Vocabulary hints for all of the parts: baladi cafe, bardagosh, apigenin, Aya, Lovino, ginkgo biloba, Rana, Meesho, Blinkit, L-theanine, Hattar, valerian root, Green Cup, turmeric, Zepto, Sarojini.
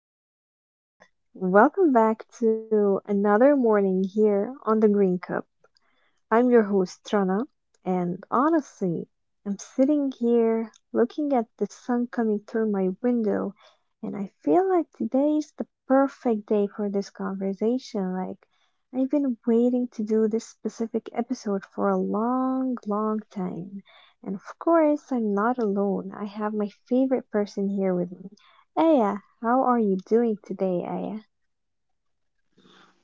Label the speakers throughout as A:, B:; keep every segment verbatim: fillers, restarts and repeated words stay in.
A: Hello, everyone. Welcome back to another morning here on the Green Cup. I'm your host, Rana, and honestly, I'm sitting here looking at the sun coming through my window, and I feel like today is the perfect day for this conversation. Like, I've been waiting to do this specific episode for a long, long time. And of course, I'm not alone. I have my favorite person here with me. Aya, how are you doing today, Aya?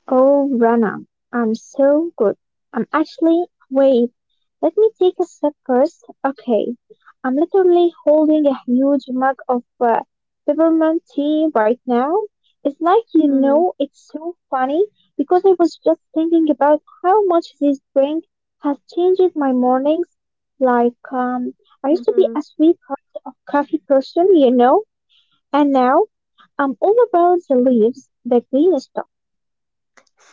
B: Oh, Rana, I'm so good. I'm actually wait, let me take a sip first. Okay, I'm literally holding a huge mug of uh, peppermint tea right now. It's like you
A: Mm-hmm,
B: know, it's so funny because I was just thinking about how much this drink has changed my mornings. Like, um, I used to be
A: mm-hmm.
B: a sweet cups of coffee person, you know, and now I'm all about the leaves, the green stuff.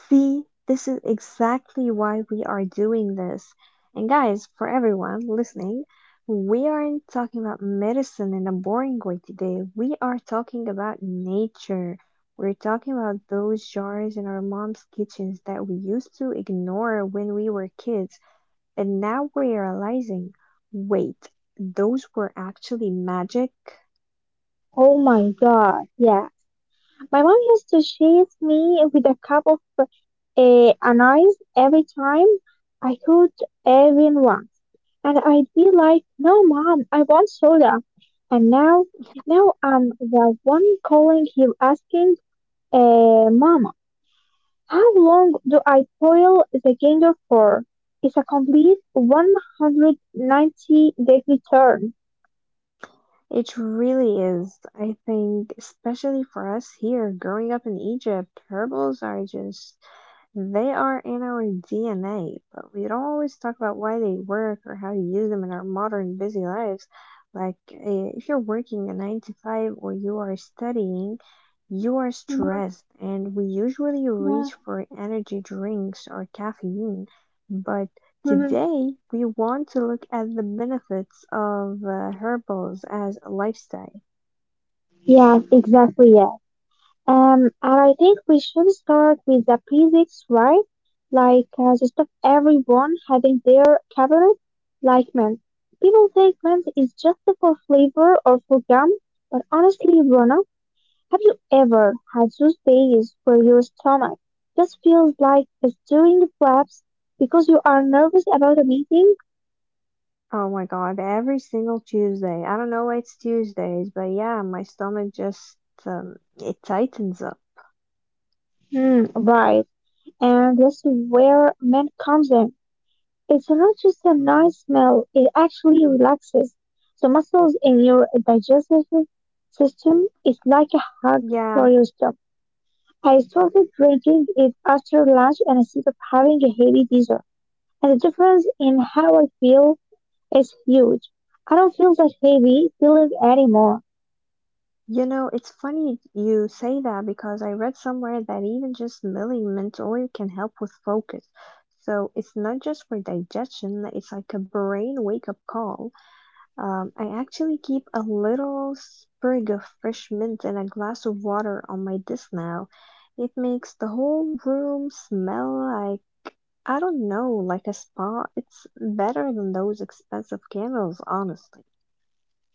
A: See, this is exactly why we are doing this. And guys, for everyone listening, we aren't talking about medicine in a boring way today. We are talking about nature. We're talking about those jars in our mom's kitchens that we used to ignore when we were kids. And now we're realizing, wait, those were actually magic?
B: Oh my God, yeah. My mom used to chase me with a cup of uh, an ice every time I could even once. And I'd be like, no, mom, I want soda. And now, now I'm the one calling him asking, uh, mama, how long do I boil the ginger for? It's a complete one hundred ninety degree turn.
A: It really is. I think, especially for us here, growing up in Egypt, herbals are just, they are in our D N A, but we don't always talk about why they work or how to use them in our modern busy lives. Like, eh, if you're working a nine to five or you are studying, you are
B: Mhm,
A: stressed, and we usually
B: yeah,
A: reach for energy drinks or caffeine. But
B: mhm.
A: today, we want to look at the benefits of uh, herbals as a lifestyle.
B: Yes, exactly, yeah. Um, and I think we should start with the basics, right? Like uh, just of everyone having their favorite, like mint. People think mint is just for flavor or for gum, but honestly, Rona, have you ever had those days where your stomach just feels like it's doing flaps because you are nervous about a meeting?
A: Oh my god, every single Tuesday. I don't know why it's Tuesdays, but yeah, my stomach just um, it tightens up.
B: Hmm, right. And that's where mint comes in. It's not just a nice smell, it actually relaxes the muscles in your digestive system. It's like a hug for
A: Yeah.
B: your stomach. I started drinking it after lunch and instead of having a heavy dessert. And the difference in how I feel is huge. I don't feel that heavy feeling anymore.
A: You know, it's funny you say that because I read somewhere that even just milling mint oil can help with focus. So it's not just for digestion, it's like a brain wake up call. Um, I actually keep a little sprig of fresh mint and a glass of water on my desk now. It makes the whole room smell like, I don't know, like a spa. It's better than those expensive candles, honestly.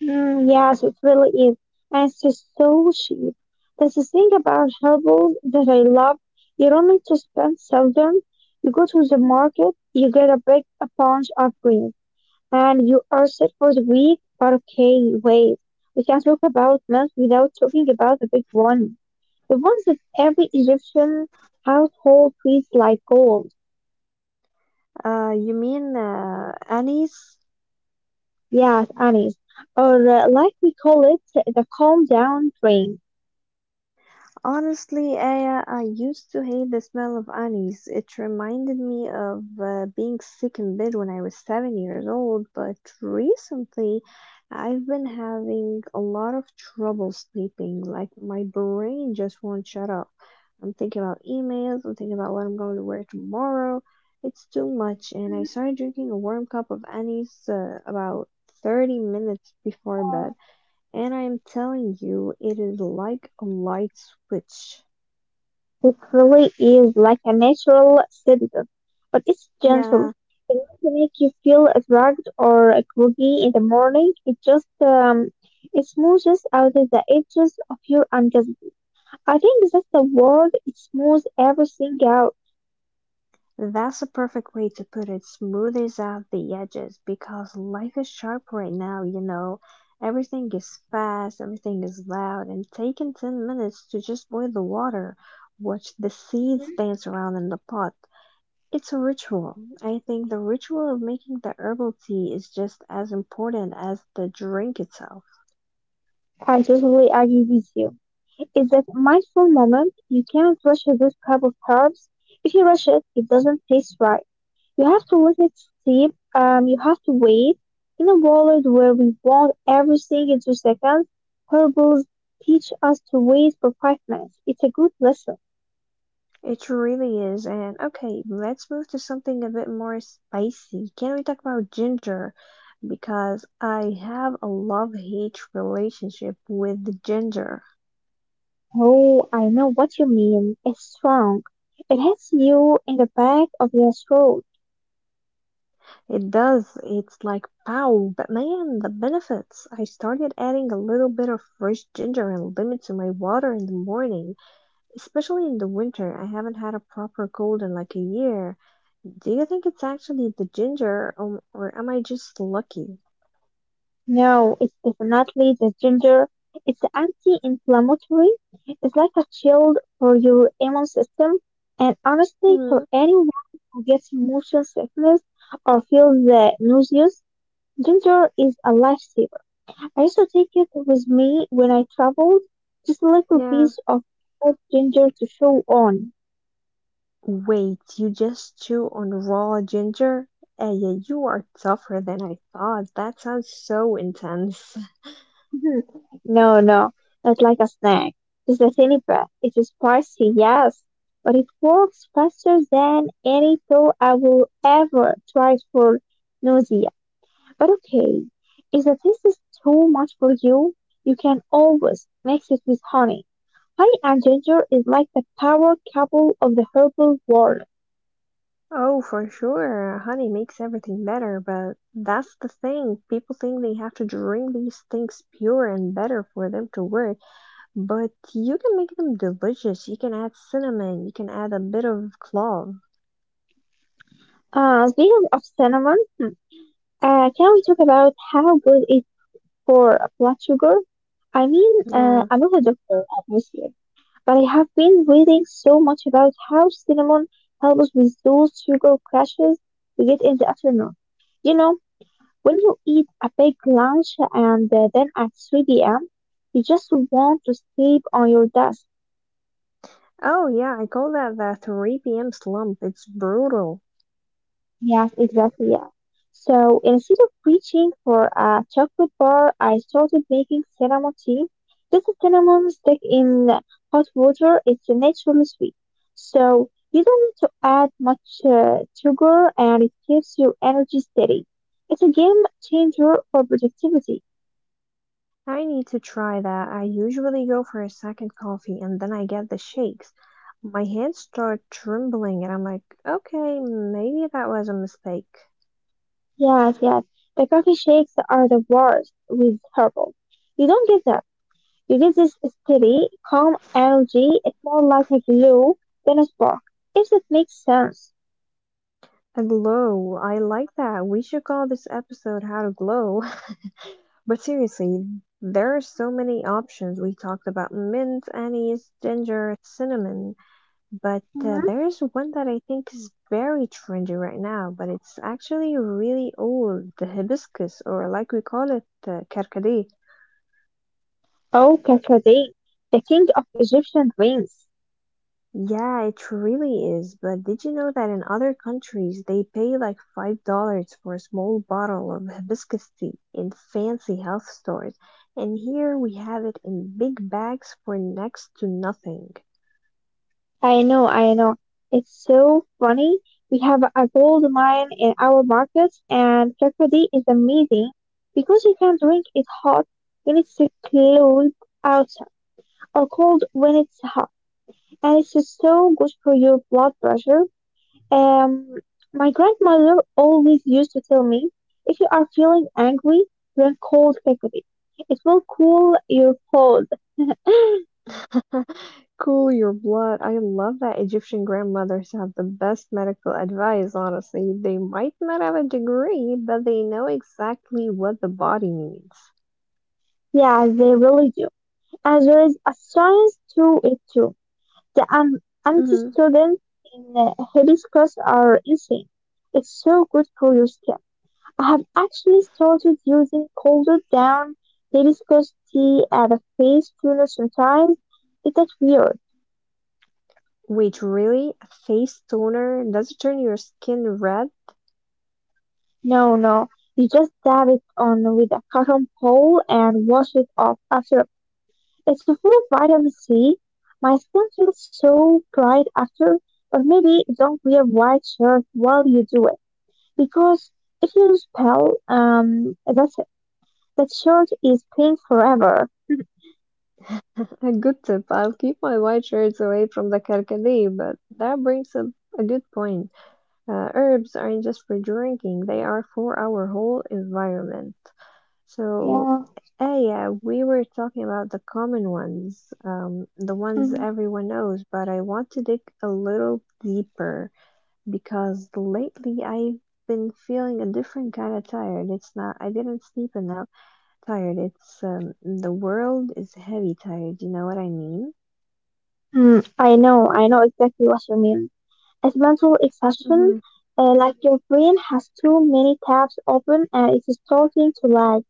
B: Mm, yes, it really is. And it's just so cheap. That's the thing about herbals that I love. You don't need to spend seldom. You go to the market, you get a big a bunch of greens, and you are set for the week. But okay, wait. We can't talk about milk without talking about the big one. The ones that every Egyptian household treats like gold.
A: Uh, you mean uh, anise?
B: Yes, anise. Or uh, like we call it, the calm down drink.
A: Honestly, Aya, I used to hate the smell of anise. It reminded me of uh, being sick in bed when I was seven years old, but recently I've been having a lot of trouble sleeping. Like, my brain just won't shut up. I'm thinking about emails, I'm thinking about what I'm going to wear tomorrow. It's too much, and I started drinking a warm cup of anise uh, about thirty minutes before
B: Mhm.
A: bed. And I'm telling you, it is like a light switch.
B: It really is like a natural sedative, but it's gentle.
A: Yeah,
B: It doesn't make you feel drugged or groggy in the morning. It just um, it smoothes out the edges of your orgasm. I think that's the word. It smooths everything out.
A: that's a perfect way to put it. Smoothes out the edges because life is sharp right now, you know. Everything is fast, everything is loud, and taking ten minutes to just boil the water, watch the seeds
B: Mhm.
A: dance around in the pot. It's a ritual. I think the ritual of making the herbal tea is just as important as the drink itself.
B: I totally agree with you. It's that mindful moment. You can't rush a good cup of herbs. If you rush it, it doesn't taste right. You have to let it steep. Um, you have to wait. In a world where we want everything in two seconds, herbals teach us to wait for five minutes. It's a good lesson.
A: It really is. And okay, let's move to something a bit more spicy. Can we talk about ginger? Because I have a love-hate relationship with the ginger.
B: Oh, I know what you mean. It's strong. It hits you in the back of the throat.
A: It does. It's like pow, but man, the benefits. I started adding a little bit of fresh ginger and lemon to my water in the morning, especially in the winter. I haven't had a proper cold in like a year. Do you think it's actually the ginger, um, or am I just lucky?
B: No, it's definitely the ginger. It's anti-inflammatory. It's like a shield for your immune system. And honestly,
A: Hmm,
B: for anyone who gets motion sickness or feels the nauseous, ginger is a lifesaver. I used to take it with me when I traveled, just a little
A: yeah.
B: piece of dried ginger to chew on.
A: Wait, you just chew on raw ginger? Uh, Yeah, you are tougher than I thought. That sounds so intense.
B: Mhm. No, no, not like a snack. It's a tiny bread. It is spicy, yes, but it works faster than any pill I will ever try for nausea. But okay, if the taste is too much for you, you can always mix it with honey. Honey and ginger is like the power couple of the herbal world.
A: Oh, for sure. Honey makes everything better, but that's the thing. People think they have to drink these things pure and better for them to work, but you can make them delicious. You can add cinnamon, you can add a bit of clove.
B: Uh, speaking of cinnamon, hmm, uh, can we talk about how good it for uh, blood sugar. I mean, uh,
A: Yeah.
B: I'm not a doctor, obviously, but I have been reading so much about how cinnamon helps with those sugar crashes we get in the afternoon. You know, when you eat a big lunch and uh, then at three p m, you just want to sleep on your desk.
A: Oh, yeah, I call that the three p m slump. It's brutal.
B: Yes, exactly. Yeah. So instead of reaching for a chocolate bar, I started making cinnamon tea. This is cinnamon stick in hot water. It's naturally sweet. So you don't need to add much uh, sugar and it keeps your energy steady. It's a game changer for productivity.
A: I need to try that. I usually go for a second coffee and then I get the shakes. My hands start trembling and I'm like, okay, maybe that was a mistake.
B: Yes, yes. The coffee shakes are the worst with herbal. You don't get that. It is a steady, calm energy. It's more like a glow than a spark, if that makes sense.
A: A glow. I like that. We should call this episode How to Glow. But seriously, there are so many options. We talked about mint, anise, ginger, cinnamon, but uh,
B: Hmm.
A: there is one that I think is very trendy right now, but it's actually really old, the hibiscus, or like we call it, uh, carcadee.
B: Oh, Kakadin, the king of Egyptian dreams.
A: Yeah, it really is. But did you know that in other countries they pay like five dollars for a small bottle of hibiscus tea in fancy health stores, and here we have it in big bags for next to nothing.
B: I know, I know. It's so funny. We have a gold mine in our markets, and Kakadi is amazing because you can drink it hot when it's so cold outside or cold when it's hot. And it's so good for your blood pressure. Um, my grandmother always used to tell me, if you are feeling angry, drink cold coffee. It will cool your cold.
A: Cool your blood. I love that Egyptian grandmothers have the best medical advice, honestly. They might not have a degree, but they know exactly what the body needs.
B: Yeah, they really do. And there is a science to it too. The um,
A: Mhm.
B: anti-students in uh, heavy class are insane. It's so good for your skin. I have actually started using colder down hibiscus tea at a face toner sometimes. Is that weird?
A: Wait, really? A face toner? Does it turn your skin red?
B: No, no. You just dab it on with a cotton pole and wash it off after. It's full of vitamin C. My skin feels so bright after. But maybe don't wear white shirt while you do it because if you spell, um, that's it. That shirt is pink forever.
A: A good tip. I'll keep my white shirts away from the Carcade, but that brings up a good point. Uh, herbs aren't just for drinking, they are for our whole environment. So,
B: Yeah.
A: uh, yeah, we were talking about the common ones, um, the ones
B: Mm,
A: everyone knows, but I want to dig a little deeper because lately I've been feeling a different kind of tired. It's not, I didn't sleep enough. Tired. It's um, the world is heavy tired. You know what I mean?
B: mm, I know. I know exactly what you mean. It's mental exhaustion.
A: hmm
B: Uh, like your brain has too many tabs open and it's starting to lag.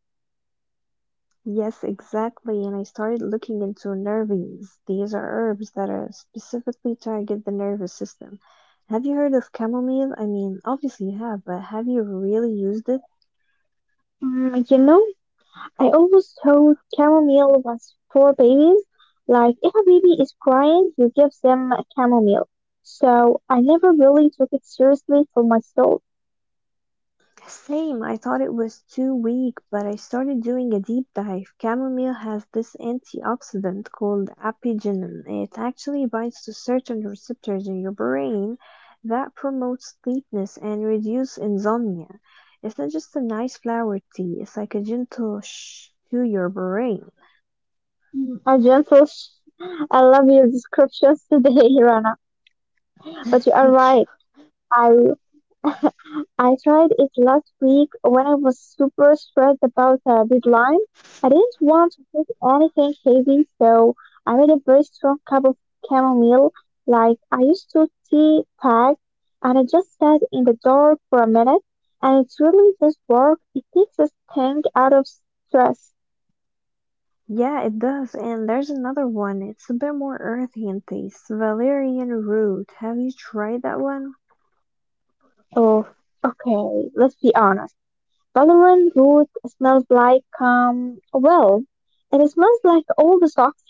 A: Yes, exactly. And I started looking into nervies. These are herbs that are specifically target the nervous system. Have you heard of chamomile? I mean, obviously you have, but have you really used it?
B: Mm, you know. I always thought chamomile was for babies. Like, if a baby is crying, you give them chamomile. So I never really took it seriously for myself.
A: Same. I thought it was too weak, but I started doing a deep dive. Chamomile has this antioxidant called apigenin. It actually binds to certain receptors in your brain that promote sleepiness and reduce insomnia. It's not just a nice flower tea, it's like a gentle shh to your brain.
B: Mm. A gentle. I love your descriptions today, Rana. But you are
A: Thank you.
B: right. I I tried it last week when I was super stressed about a deadline. I didn't want to take anything heavy, so I made a very strong cup of chamomile, like I used to tea pack, and I just sat in the dark for a minute, and it really does work. It takes the sting out of stress.
A: Yeah, it does. And there's another one. It's a bit more earthy in taste. Valerian root. Have you tried that one?
B: Oh, okay, let's be honest. Valerian root smells like, um, well, it smells like all the socks.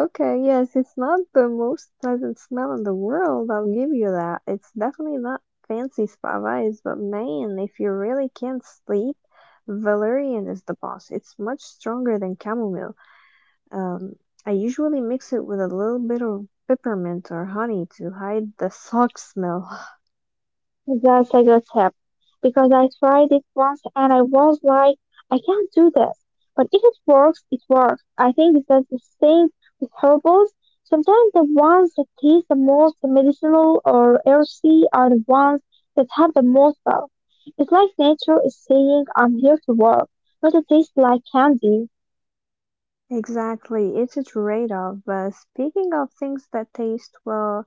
A: Okay, yes, it's not the most pleasant smell in the world, I'll give you that. It's definitely not fancy spa vibes, but man, if you really can't sleep, valerian is the boss. It's much stronger than chamomile. Um, I usually mix it with a little bit of peppermint or honey to hide the sock smell.
B: That's a good tip because I tried it once and I was like, I can't do this. But if it works, it works. I think that's the same with herbals. Sometimes the ones that taste the most medicinal or earthy are the ones that have the most power. It's like nature is saying, I'm here to work, not to taste like candy.
A: Exactly, it's a trade-off, but speaking of things that taste well,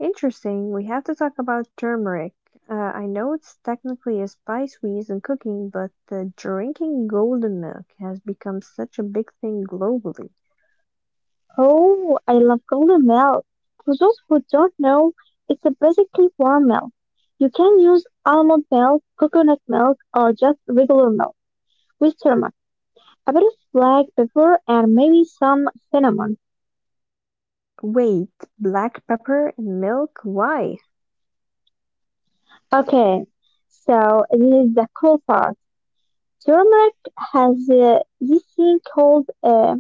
A: interesting. We have to talk about turmeric. Uh, I know it's technically a spice we use in cooking, but uh, drinking golden milk has become such a big thing globally.
B: Oh, I love golden milk. For those who don't know, it's a basically warm milk. You can use almond milk, coconut milk, or just regular milk with turmeric, a bit of black pepper, and maybe some cinnamon.
A: Wait, black pepper and milk? Why?
B: Okay, so this is the cool part. Turmeric has uh, this thing called uh,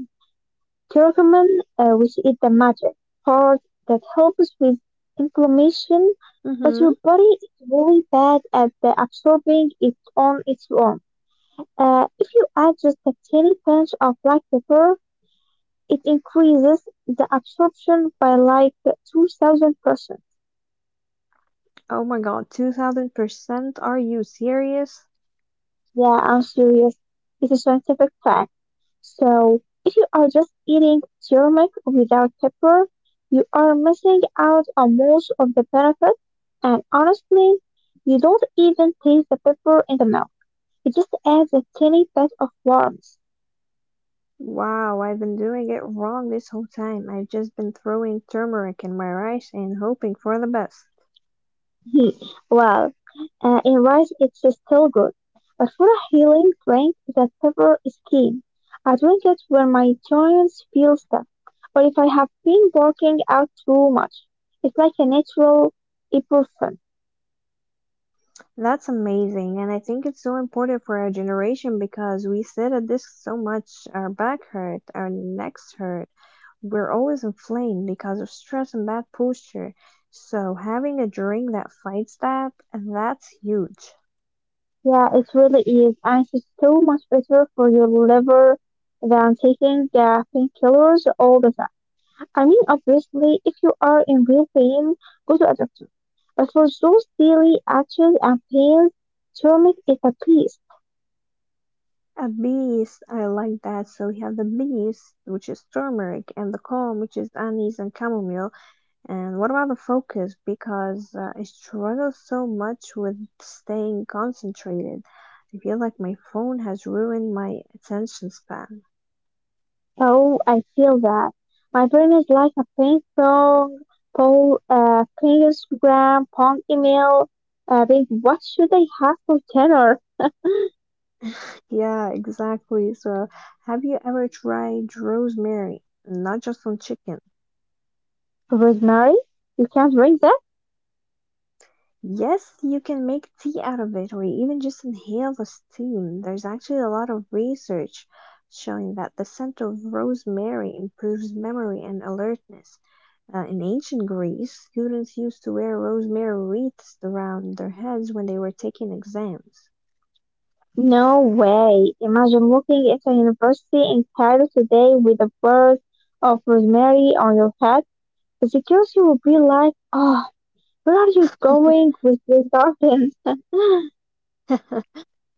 B: Curcumin, uh, which is the magic part that helps with inflammation, but
A: Mm-hmm.
B: your body is really bad at the absorbing it on its own. Uh, if you add just a tiny pinch of black pepper, it increases the absorption by like two thousand percent.
A: Oh my god, two thousand percent? Are you serious?
B: Yeah, I'm serious. It's a scientific fact. So, if you are just eating turmeric without pepper, you are missing out on most of the benefits. And honestly, you don't even taste the pepper in the mouth. It just adds a tiny bit of warmth.
A: Wow, I've been doing it wrong this whole time. I've just been throwing turmeric in my rice and hoping for the best.
B: Hmm, well, uh, in rice, it's still good. But for a healing drink, that pepper is key. I drink it when my joints feel stuck, or if I have been working out too much. It's like a natural ibuprofen.
A: That's amazing, and I think it's so important for our generation because we sit at this so much. Our back hurt, our necks hurt. We're always inflamed because of stress and bad posture. So having a drink that fights that, that's huge.
B: Yeah, it really is. And it's so much better for your liver than taking uh, painkillers all the time. I mean, obviously, if you are in real pain, go to a doctor. But for those daily actions and pains, turmeric is a peace.
A: A beast, I like that. So we have the beast, which is turmeric, and the calm, which is anise and chamomile. And what about the focus? Because uh, I struggle so much with staying concentrated. I feel like my phone has ruined my attention span.
B: Oh, I feel that. My brain is like a ping pong, poll, uh, ping Instagram, pong email. Uh, babe, what should I have for dinner?
A: Yeah, exactly. So, have you ever tried rosemary? Not just on chicken,
B: Rosemary? You can't drink that.
A: yes, you can make tea out of it or even just inhale the steam. There's actually a lot of research showing that the scent of rosemary improves memory and alertness. Uh, in ancient Greece, students used to wear rosemary wreaths around their heads when they were taking exams.
B: No way. Imagine walking into a university in Cairo today with a bird of rosemary on your head. The security will be like, oh, where are you going with this garden?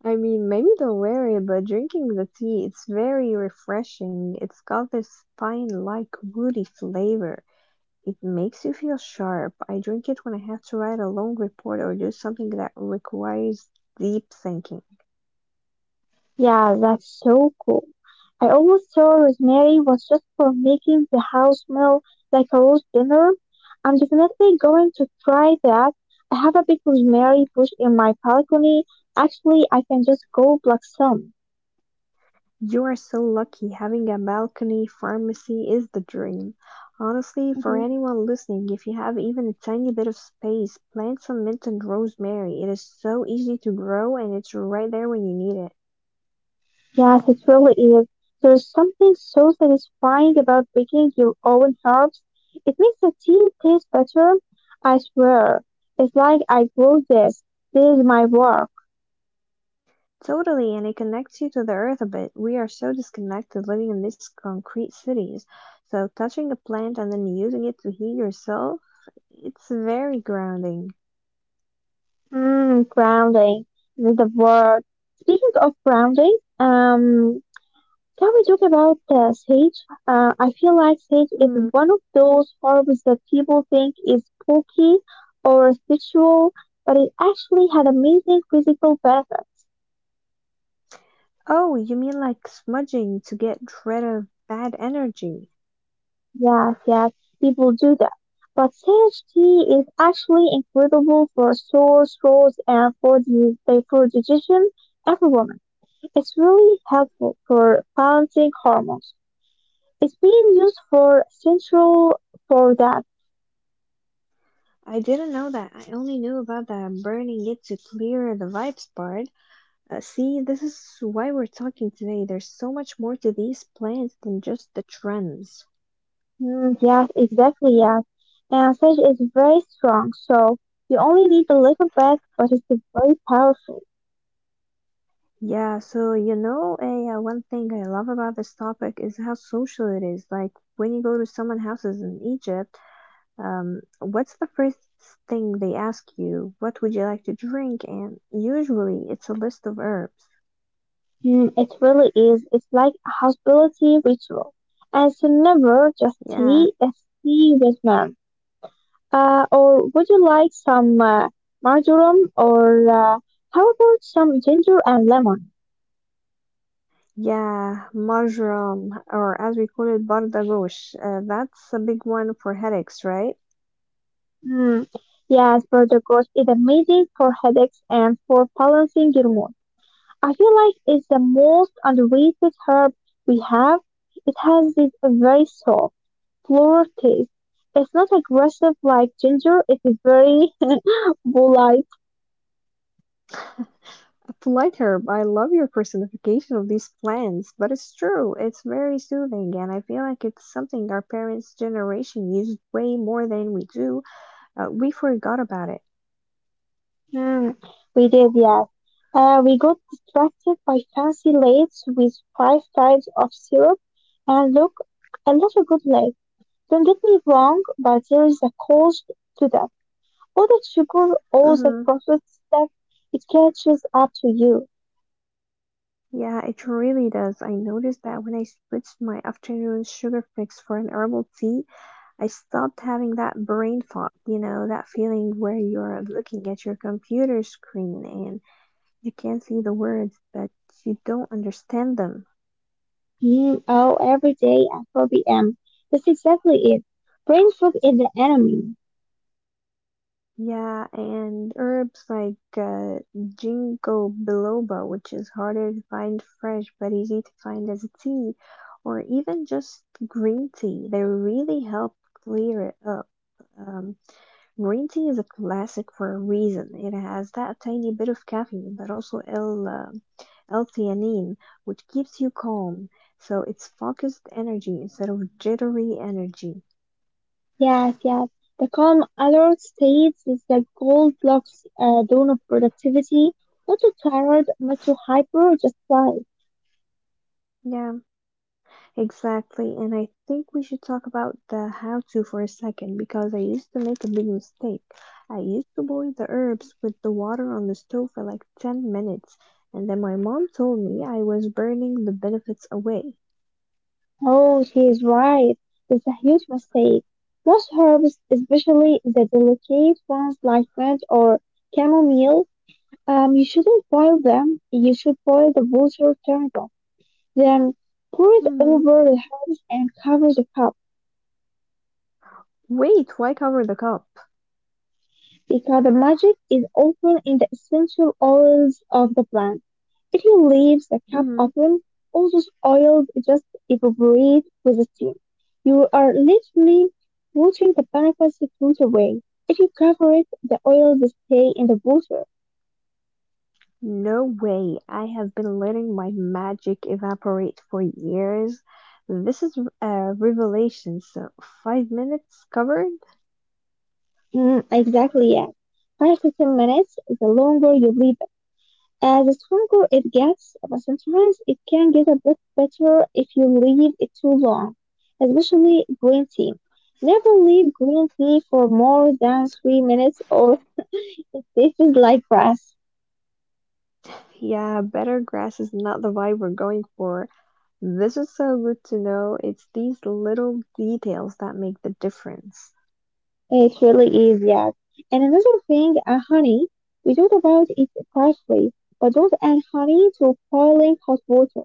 A: I mean, maybe don't wear it, but drinking the tea, it's very refreshing. It's got this pine-like woody flavor. It makes you feel sharp. I drink it when I have to write a long report or do something that requires deep thinking.
B: yeah, that's so cool. I always thought rosemary was just for making the house smell like a rose dinner. I'm definitely going to try that. I have a big rosemary bush in my balcony. Actually, I can just go pluck some.
A: You are so lucky. Having a balcony pharmacy is the dream. Honestly, for anyone listening, if you have even a tiny bit of space, plant some mint and rosemary. It is so easy to grow and it's right there when you need it.
B: Yes, it really is. There's something so satisfying about picking your own herbs. It makes the tea taste better. I swear. It's like I grew this. This is my work.
A: Totally, and it connects you to the earth a bit. We are so disconnected living in these concrete cities. So touching a plant and then using it to heal yourself, it's very grounding.
B: Mmm, grounding is the word. Speaking of grounding, um, can we talk about uh, sage? Uh, I feel like sage is
A: Hmm.
B: one of those herbs that people think is spooky or spiritual, but it actually had amazing physical benefits.
A: Oh, you mean like smudging to get rid of bad energy?
B: Yes, yes, people do that. But sage tea is actually incredible for sore throats and for the the- for digestion of a woman. It's really helpful for balancing hormones. It's being used for central for that.
A: I didn't know that. I only knew about the burning it to clear the vibes part. Uh, see, this is why we're talking today. There's so much more to these plants than just the trends.
B: Mm, yes, exactly, yes. And sage is very strong, so you only need a little bit, but it's very powerful.
A: Yeah, so you know, a, uh, one thing I love about this topic is how social it is. Like when you go to someone's houses in Egypt, um, what's the first thing they ask you? What would you like to drink? And usually it's a list of herbs.
B: Mm, it really is. It's like a hospitality ritual. And it's never just
A: Yeah,
B: tea, it's tea with man. Uh, or would you like some uh, marjoram or uh, how about some ginger and lemon?
A: yeah, marjoram, or as we call it, bardagosh. Uh, that's a big one for headaches, right?
B: Mm, yes, verdigris is amazing for headaches and for balancing your mood. I feel like it's the most underrated herb we have. It has this very soft, floral taste. It's not aggressive like ginger, it is very Moonlight.
A: herb, I love your personification of these plants, but it's true, it's very soothing, and I feel like it's something our parents' generation used way more than we do. Uh, we forgot about it.
B: Hmm, we did, yes. Uh, we got distracted by fancy lights with five types of syrup and look, a little good light. Don't get me wrong, but there is a cost to that. All the sugar, all the
A: Hmm.
B: processed stuff, it catches up to you.
A: Yeah, it really does. I noticed that when I switched my afternoon sugar fix for an herbal tea, I stopped having that brain fog, you know, that feeling where you're looking at your computer screen and you can see the words, but you don't understand them.
B: Hmm, oh, every day at four p m. That's exactly it. Brain food is the enemy.
A: Yeah, and herbs like uh, ginkgo biloba, which is harder to find fresh but easy to find as a tea, or even just green tea. They really help clear it up. Um, Green tea is a classic for a reason. It has that tiny bit of caffeine, but also L, uh, L-theanine, which keeps you calm. So it's focused energy instead of jittery energy.
B: Yes, yes. The calm alert states is the goal blocks uh, zone of productivity. Not too tired, not too hyper, just like,
A: Yeah. Exactly, and I think we should talk about the how to for a second because I used to make a big mistake. I used to boil the herbs with the water on the stove for like ten minutes, and then my mom told me I was burning the benefits away.
B: oh, she is right. It's a huge mistake. Most herbs, especially the delicate ones like mint or chamomile, um, you shouldn't boil them. You should boil the water, turn it off. Then pour it
A: Hmm.
B: over the herbs and cover the cup.
A: Wait, why cover the cup?
B: Because the magic is often in the essential oils of the plant. If you leave the cup
A: Hmm.
B: open, all those oils just evaporate with the steam. You are literally watching the benefits float away. If you cover it, the oils stay in the water.
A: No way, I have been letting my magic evaporate for years. This is a revelation, so five minutes covered?
B: Mm, exactly, yeah. Five to ten minutes, the longer you leave Uh, the stronger it gets, but sometimes it can get a bit better if you leave it too long, especially green tea. Never leave green tea for more than three minutes or it tastes like grass.
A: Yeah, better grass is not the vibe we're going for. This is so good to know. It's these little details that make the difference.
B: It really is, yeah. And another thing, uh, honey, we talked about it briefly, but don't add honey to boiling hot water.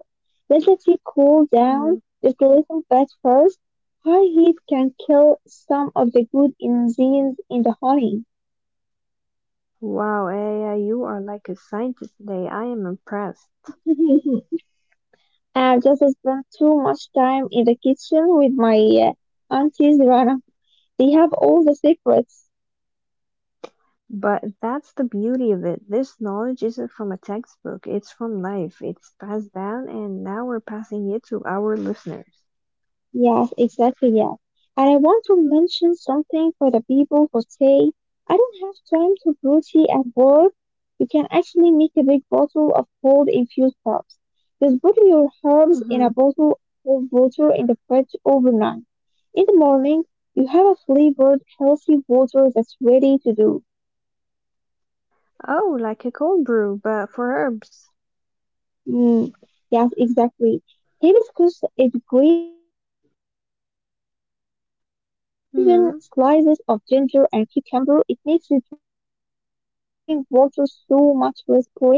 B: Let the tea cool down
A: Mhm.
B: just a little bit first. High heat can kill some of the good enzymes in the honey.
A: Wow, Aya, you are like a scientist today. I am impressed.
B: I just spent too much time in the kitchen with my uh, aunties, Rana. They have all the secrets.
A: But that's the beauty of it. This knowledge isn't from a textbook, it's from life. It's passed down, and now we're passing it to our listeners.
B: Yes, exactly, yes. And I want to mention something for the people who say, I don't have time to brew tea at work. You can actually make a big bottle of cold infused herbs. Just put your herbs in
A: Hmm.
B: a bottle of cold water in the fridge overnight. In the morning, you have a flavored, healthy water that's ready to do.
A: Oh, like a cold brew, but for herbs.
B: Mm, yes, exactly. Table scouse is great for this. And is great. Even slices of
A: Hmm.
B: ginger and cucumber, it makes the drinking water so much less boring. Um,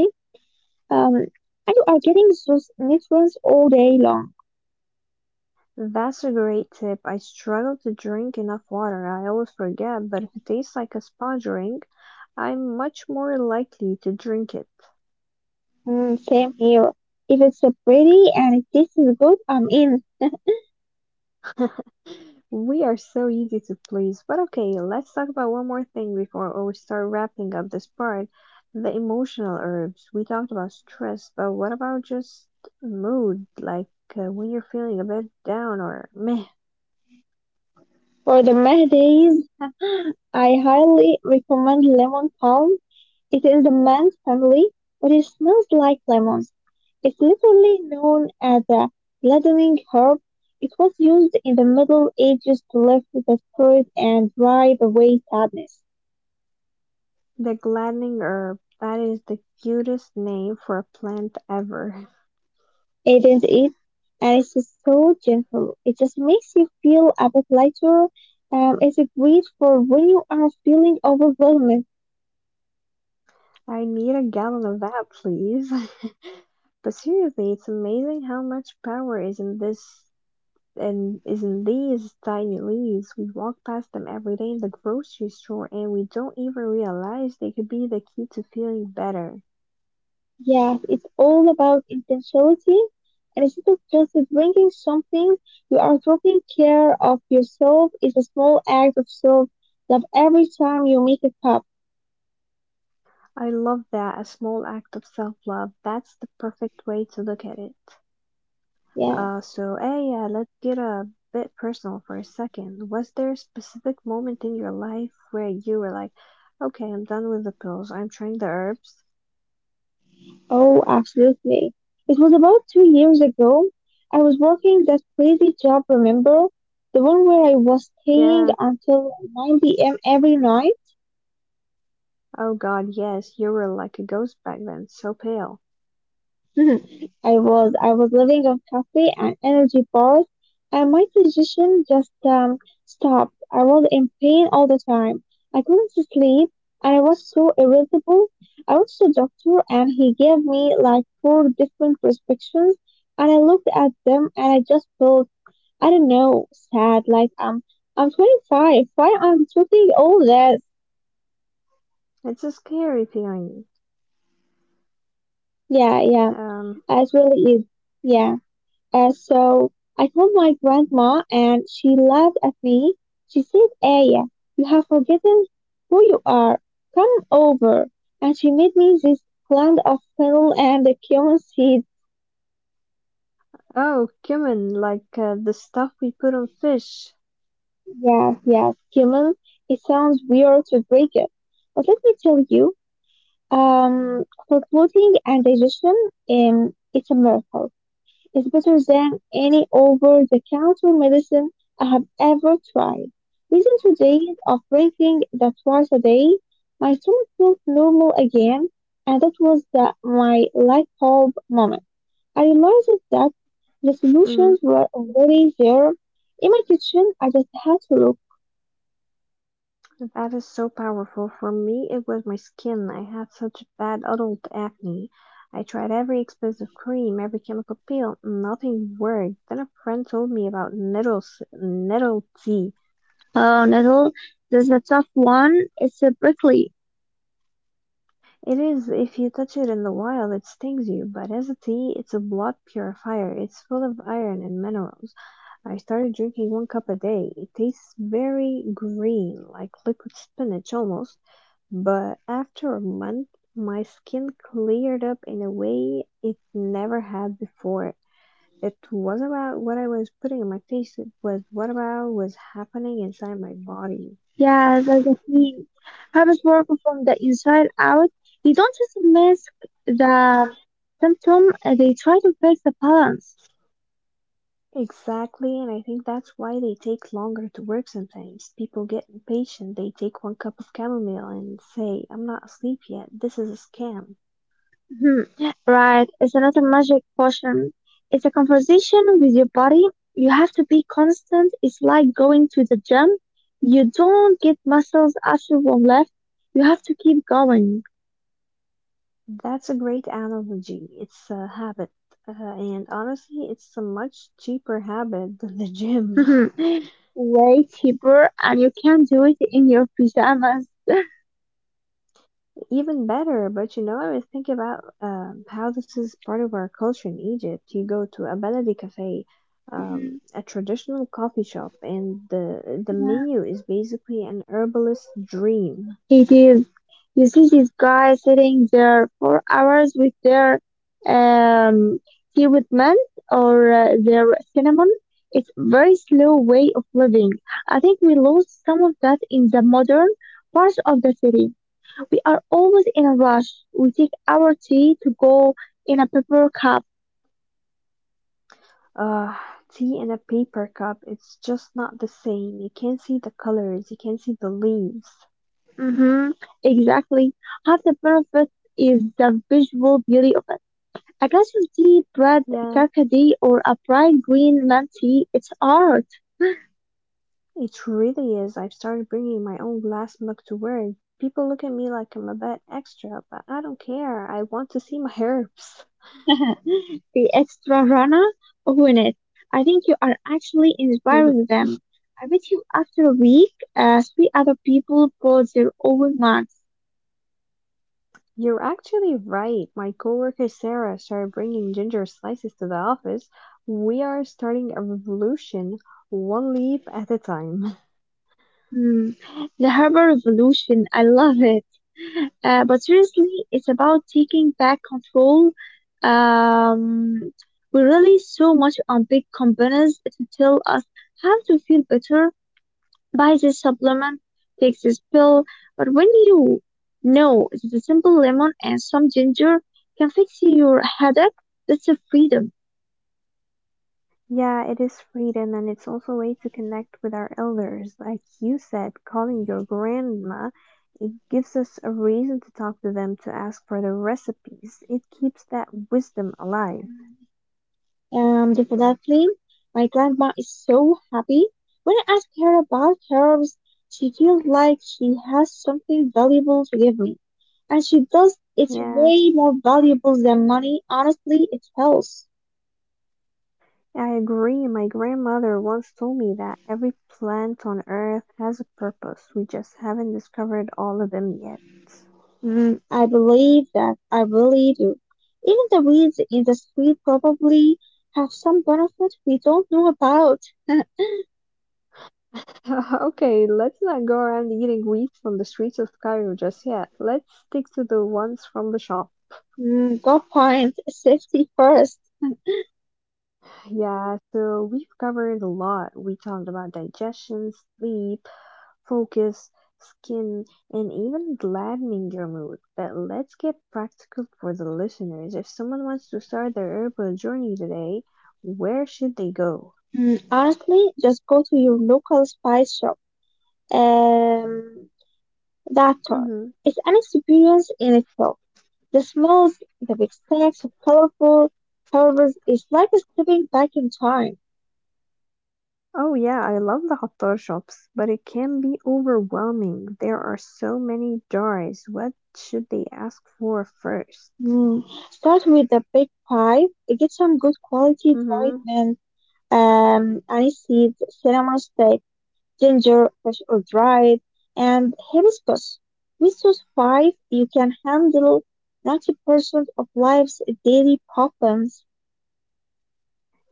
B: and you are getting those nutrients all day long.
A: That's a great tip. I struggle to drink enough water. I always forget, but if it tastes like a spa drink, I'm much more likely to drink it.
B: Mm, same here. If it's a pretty and it tastes good, I'm in.
A: We are so easy to please. But okay, let's talk about one more thing before we start wrapping up this part. The emotional herbs. We talked about stress, but what about just mood? Like uh, when you're feeling a bit down or meh.
B: For the Mahdays, I highly recommend lemon palm. It is the man's family, but it smells like lemons. It's literally known as a lathering herb. It was used in the Middle Ages to lift the spirit and drive away sadness.
A: The gladdening herb. That is the cutest name for a plant ever.
B: Isn't it? And it's so gentle. It just makes you feel a bit lighter. Um, it's great for when you are feeling overwhelmed.
A: I need a gallon of that, please. But seriously, it's amazing how much power is in this. And isn't these tiny leaves? We walk past them every day in the grocery store and we don't even realize they could be the key to feeling better.
B: Yes, it's all about intentionality. And it's not just drinking something, you are taking care of yourself. It's a small act of self love every time you make a cup.
A: I love that, a small act of self love. That's the perfect way to look at it.
B: Yes,
A: Uh, so, hey, yeah, let's get a bit personal for a second. Was there a specific moment in your life where you were like, okay, I'm done with the pills, I'm trying the herbs?
B: oh, absolutely. It was about two years ago. I was working that crazy job, remember? The one where I was staying
A: Yeah,
B: until nine p m every night.
A: oh god, yes, you were like a ghost back then, so pale.
B: I was I was living on cafe and energy bars, and my digestion just um, stopped. I was in pain all the time. I couldn't sleep, and I was so irritable. I went to the doctor, and he gave me like four different prescriptions, and I looked at them, and I just felt I don't know sad. Like um, I'm twenty-five. Why I'm taking all this?
A: It's a scary feeling.
B: Yeah, yeah,
A: Um.
B: it really is. Yeah. Uh, so I told my grandma and she laughed at me. She said, Aya, you have forgotten who you are. Come over. And she made me this blend of fennel and the cumin seed.
A: Oh, cumin, like uh, the stuff we put on fish.
B: Yes, yes, cumin. It sounds weird to break it. But let me tell you, um, for bloating and digestion, um, it's a miracle. Is better than any over the counter medicine I have ever tried. Within two days of drinking that twice a day, my stomach felt normal again, and that was the, my light bulb moment. I realized that the
A: Mm,
B: solutions were already there in my kitchen. I just had to look.
A: that is so powerful. For me, it was my skin. I had such bad adult acne. I tried every expensive cream, every chemical peel. Nothing worked. Then a friend told me about nettles, nettle tea.
B: Oh, Nettle, this is a tough one. It's a prickly.
A: It is, if you touch it in the wild, it stings you, but as a tea, it's a blood purifier. It's full of iron and minerals. I started drinking one cup a day. It tastes very green, like liquid spinach almost, but after a month my skin cleared up in a way it never had before. It wasn't about what I was putting on my face, it was what about was happening inside my body.
B: Yeah, that's the thing. Herbs work from the inside out. You don't just mix the symptom, uh, they try to fix the balance.
A: Exactly, and I think that's why they take longer to work sometimes. People get impatient, they take one cup of chamomile and say, I'm not asleep yet, this is a scam.
B: Mhm. Right, it's not a magic potion. It's a conversation with your body. You have to be constant. It's like going to the gym. You don't get muscles after one lift. You have to keep going.
A: That's a great analogy. It's a habit. Uh, and honestly, it's a much cheaper habit than the gym.
B: Way cheaper, and you can do it in your pajamas.
A: Even better, but you know, I was thinking about um, how this is part of our culture in Egypt. You go to a baladi cafe,
B: Mhm.
A: um, a traditional coffee shop, and the, the menu is basically an herbalist dream.
B: It is. You see this guy sitting there for hours with their um tea with mint or uh, their cinnamon. It's very slow way of living. I think we lost some of that in the modern parts of the city. We are always in a rush. We take our tea to go in a paper cup.
A: Uh, tea in a paper cup, it's just not the same. You can't see the colors, you can't see the leaves.
B: Mm-hmm. Exactly. Half the benefit is the visual beauty of it. A glass of deep red
A: Yeah.
B: carcade or a bright green menthe, it's art.
A: It really is. I've started bringing my own glass mug to work. People look at me like I'm a bad extra, but I don't care. I want to see my herbs.
B: The extra runner on it. I think you are actually inspiring them. I bet you after a week, uh, three other people bought their own mugs.
A: You're actually right. My coworker Sarah started bringing ginger slices to the office. We are starting a revolution, one leaf at a time.
B: Hmm. The Harbor Revolution, I love it. Uh, but seriously, it's about taking back control. Um, we rely so much on big companies to tell us how to feel better, buys his supplement, takes his pill, but when you know that a simple lemon and some ginger can fix your headache, that's a freedom.
A: Yeah, it is freedom, and it's also a way to connect with our elders. Like you said, calling your grandma, it gives us a reason to talk to them to ask for the recipes. It keeps that wisdom alive.
B: Um, the my grandma is so happy. When I ask her about herbs, she feels like she has something valuable to give me. And she does, it's
A: Yeah,
B: way more valuable than money. Honestly, it's health.
A: I agree. My grandmother once told me that every plant on earth has a purpose. We just haven't discovered all of them yet.
B: Mm, I believe that. I really do. Even the weeds in the street probably have some benefit we don't know about.
A: Okay, let's not go around eating wheat from the streets of Cairo just yet. Let's stick to the ones from the shop.
B: Mm, good point. Safety first.
A: Yeah, so we've covered a lot. We talked about digestion, sleep, focus, skin, and even gladdening your mood. But let's get practical for the listeners. If someone wants to start their herbal journey today, where should they go?
B: Mm, honestly, just go to your local spice shop. Um, that tour.
A: Mm-hmm.
B: It's an experience in itself. The smells, the big stacks of colorful herbs is like stepping back in time.
A: Oh, yeah, I love the Hattar shops, but it can be overwhelming. There are so many jars. What should they ask for first?
B: Mm, start with the big five. Get some good quality dried
A: Mm-hmm.
B: mint. Um, I see cinnamon stick, ginger, fresh or dried, and hibiscus. With those five, you can handle ninety percent of life's daily problems.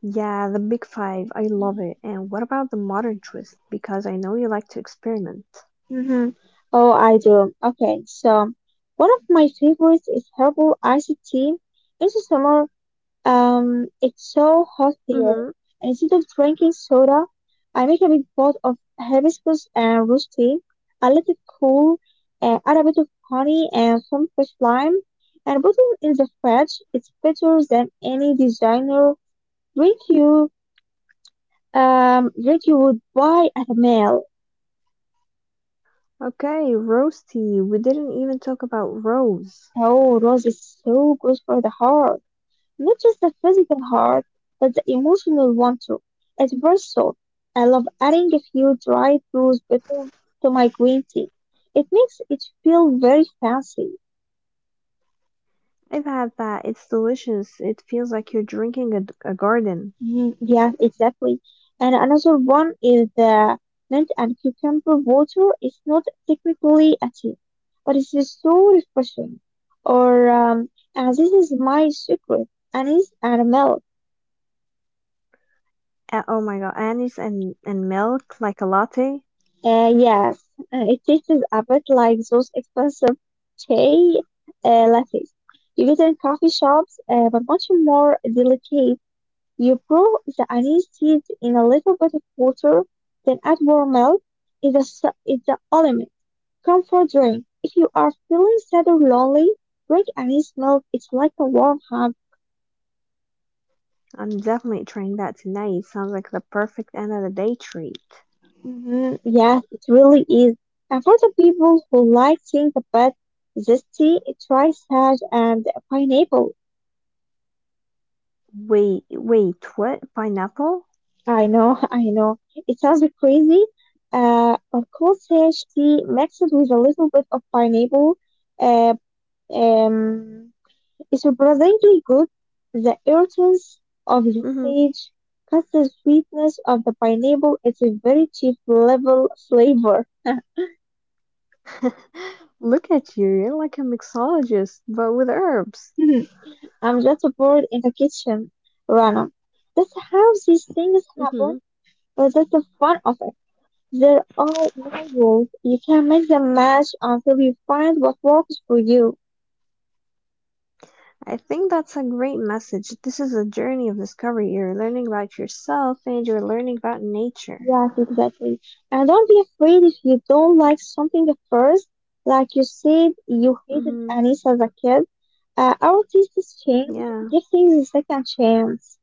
A: Yeah, the big five. I love it. And what about the modern twist? Because I know you like to experiment.
B: Hmm. Oh, I do. Okay, so one of my favorites is herbal iced tea in the summer. Um, it's so hot here.
A: Mm-hmm.
B: And instead of drinking soda, I make a big pot of hibiscus and rose tea. I let it cool, uh, add a bit of honey and some fresh lime, and put it in the fridge. It's better than any designer drink you um drink you would buy at a mall.
A: Okay, rose tea. We didn't even talk about rose.
B: Oh, rose is so good for the heart. Not just the physical heart, but the emotional one too. It's versatile. I love adding a few dried rose petals to my green tea. It makes it feel very fancy.
A: I've had that. It's delicious. It feels like you're drinking a, d- a garden.
B: Mm, yeah, exactly. And another one is the mint and cucumber water. It's not technically a tea, but it's just so refreshing. Or, um, and this is my secret, anise and milk.
A: Uh, oh my god, anise and, and milk like a latte?
B: Uh, yes, uh, it tastes a bit like those expensive chai uh, lattes you get in coffee shops, uh, but much more delicate. You brew the anise seed in a little bit of water, then add warm milk. It's a su- it's the ultimate comfort drink. If you are feeling sad or lonely, drink anise milk. It's like a warm hug.
A: I'm definitely trying that tonight. Sounds like the perfect end of the day treat.
B: Mhm. Yes, it really is. And for the people who like things a bit zesty, try sage and pineapple.
A: Wait, wait, what? Pineapple?
B: I know, I know. It sounds crazy. Uh, of course, sage tea mixed with a little bit of pineapple. Uh, um, it's surprisingly good. The earthiness of the
A: Mm-hmm.
B: sage cuts the sweetness of the pineapple. It's a very cheap level flavor.
A: Look at you, you're like a mixologist, but with herbs.
B: I'm just bored in the kitchen, Rana. That's how these things happen,
A: Hmm.
B: but that's the fun of it. There are no rules. You can make them match until you find what works for you.
A: I think that's a great message. This is a journey of discovery. You're learning about yourself and you're learning about nature.
B: Yes, exactly. And don't be afraid if you don't like something at first. Like you said, you hated
A: Hmm.
B: Anis as a kid. Uh, our tastes change.
A: Yeah.
B: Give things a second chance.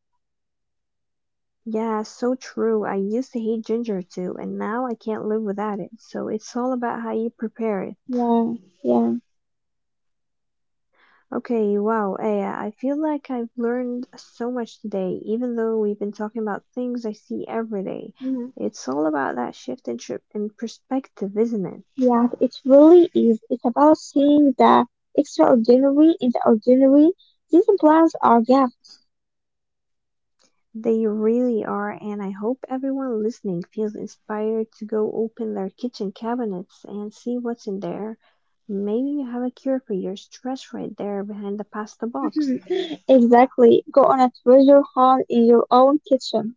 A: Yeah, so true. I used to hate ginger too, and now I can't live without it. So it's all about how you prepare it.
B: Yeah, yeah.
A: Okay, wow, Aya, I feel like I've learned so much today, even though we've been talking about things I see every day.
B: Mhm.
A: It's all about that shift in, tr- in perspective, isn't it?
B: Yes, it really is. It's about seeing the extraordinary in the ordinary. These plants are gifts.
A: They really are and I hope everyone listening feels inspired to go open their kitchen cabinets and see what's in there. Maybe you have a cure for your stress right there behind the pasta box.
B: Exactly. Go on a treasure hunt in your own kitchen.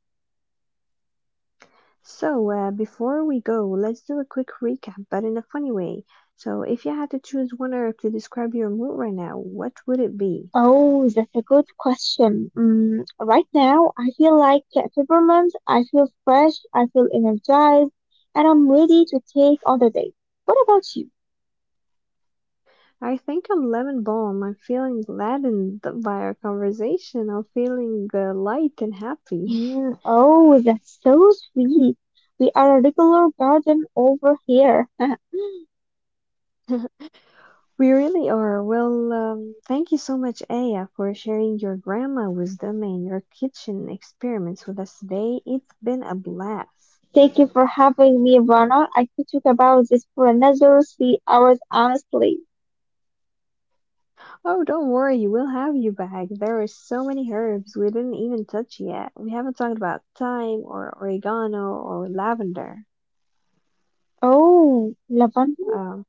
A: So, uh, before we go, let's do a quick recap, but in a funny way. So, if you had to choose one herb to describe your mood right now, what would it be?
B: Oh, that's a good question. Mm, right now, I feel like a peppermint. I feel fresh. I feel energized, and I'm ready to take on the day. What about you?
A: I think I'm lemon balm. I'm feeling gladdened by our conversation. I'm feeling uh, light and happy.
B: Mm, oh, that's so sweet. We are a regular garden over here.
A: We really are. Well, um, thank you so much, Aya, for sharing your grandma wisdom and your kitchen experiments with us today. It's been a blast.
B: Thank you for having me, Rana. I could talk about this for another three hours, honestly.
A: Oh, don't worry, we'll have you back. There are so many herbs we didn't even touch yet. We haven't talked about thyme or oregano or lavender.
B: Oh, lavender?
A: Um,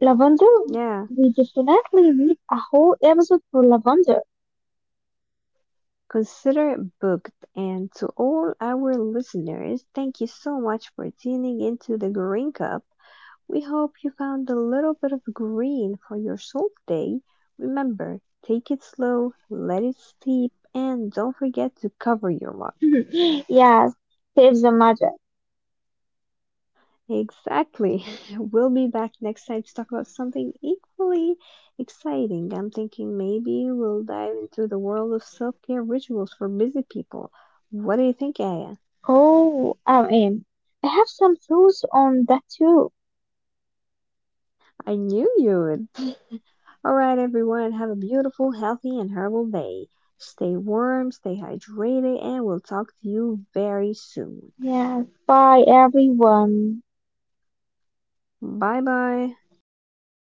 B: Lavender?
A: yeah.
B: We definitely need a whole episode for lavender.
A: Consider it booked. And to all our listeners, thank you so much for tuning into the Green Cup. We hope you found a little bit of green for your soul today. Remember, take it slow, let it steep, and don't forget to cover your mug.
B: Yes, save the magic.
A: Exactly. We'll be back next time to talk about something equally exciting. I'm thinking maybe we'll dive into the world of self care rituals for busy people. What do you think, Aya?
B: Oh, I am. I have some thoughts on that too.
A: I knew you would. All right, everyone, have a beautiful, healthy, and herbal day. Stay warm, stay hydrated, and we'll talk to you very soon.
B: Yes, bye everyone.
A: Bye bye.
B: Bye.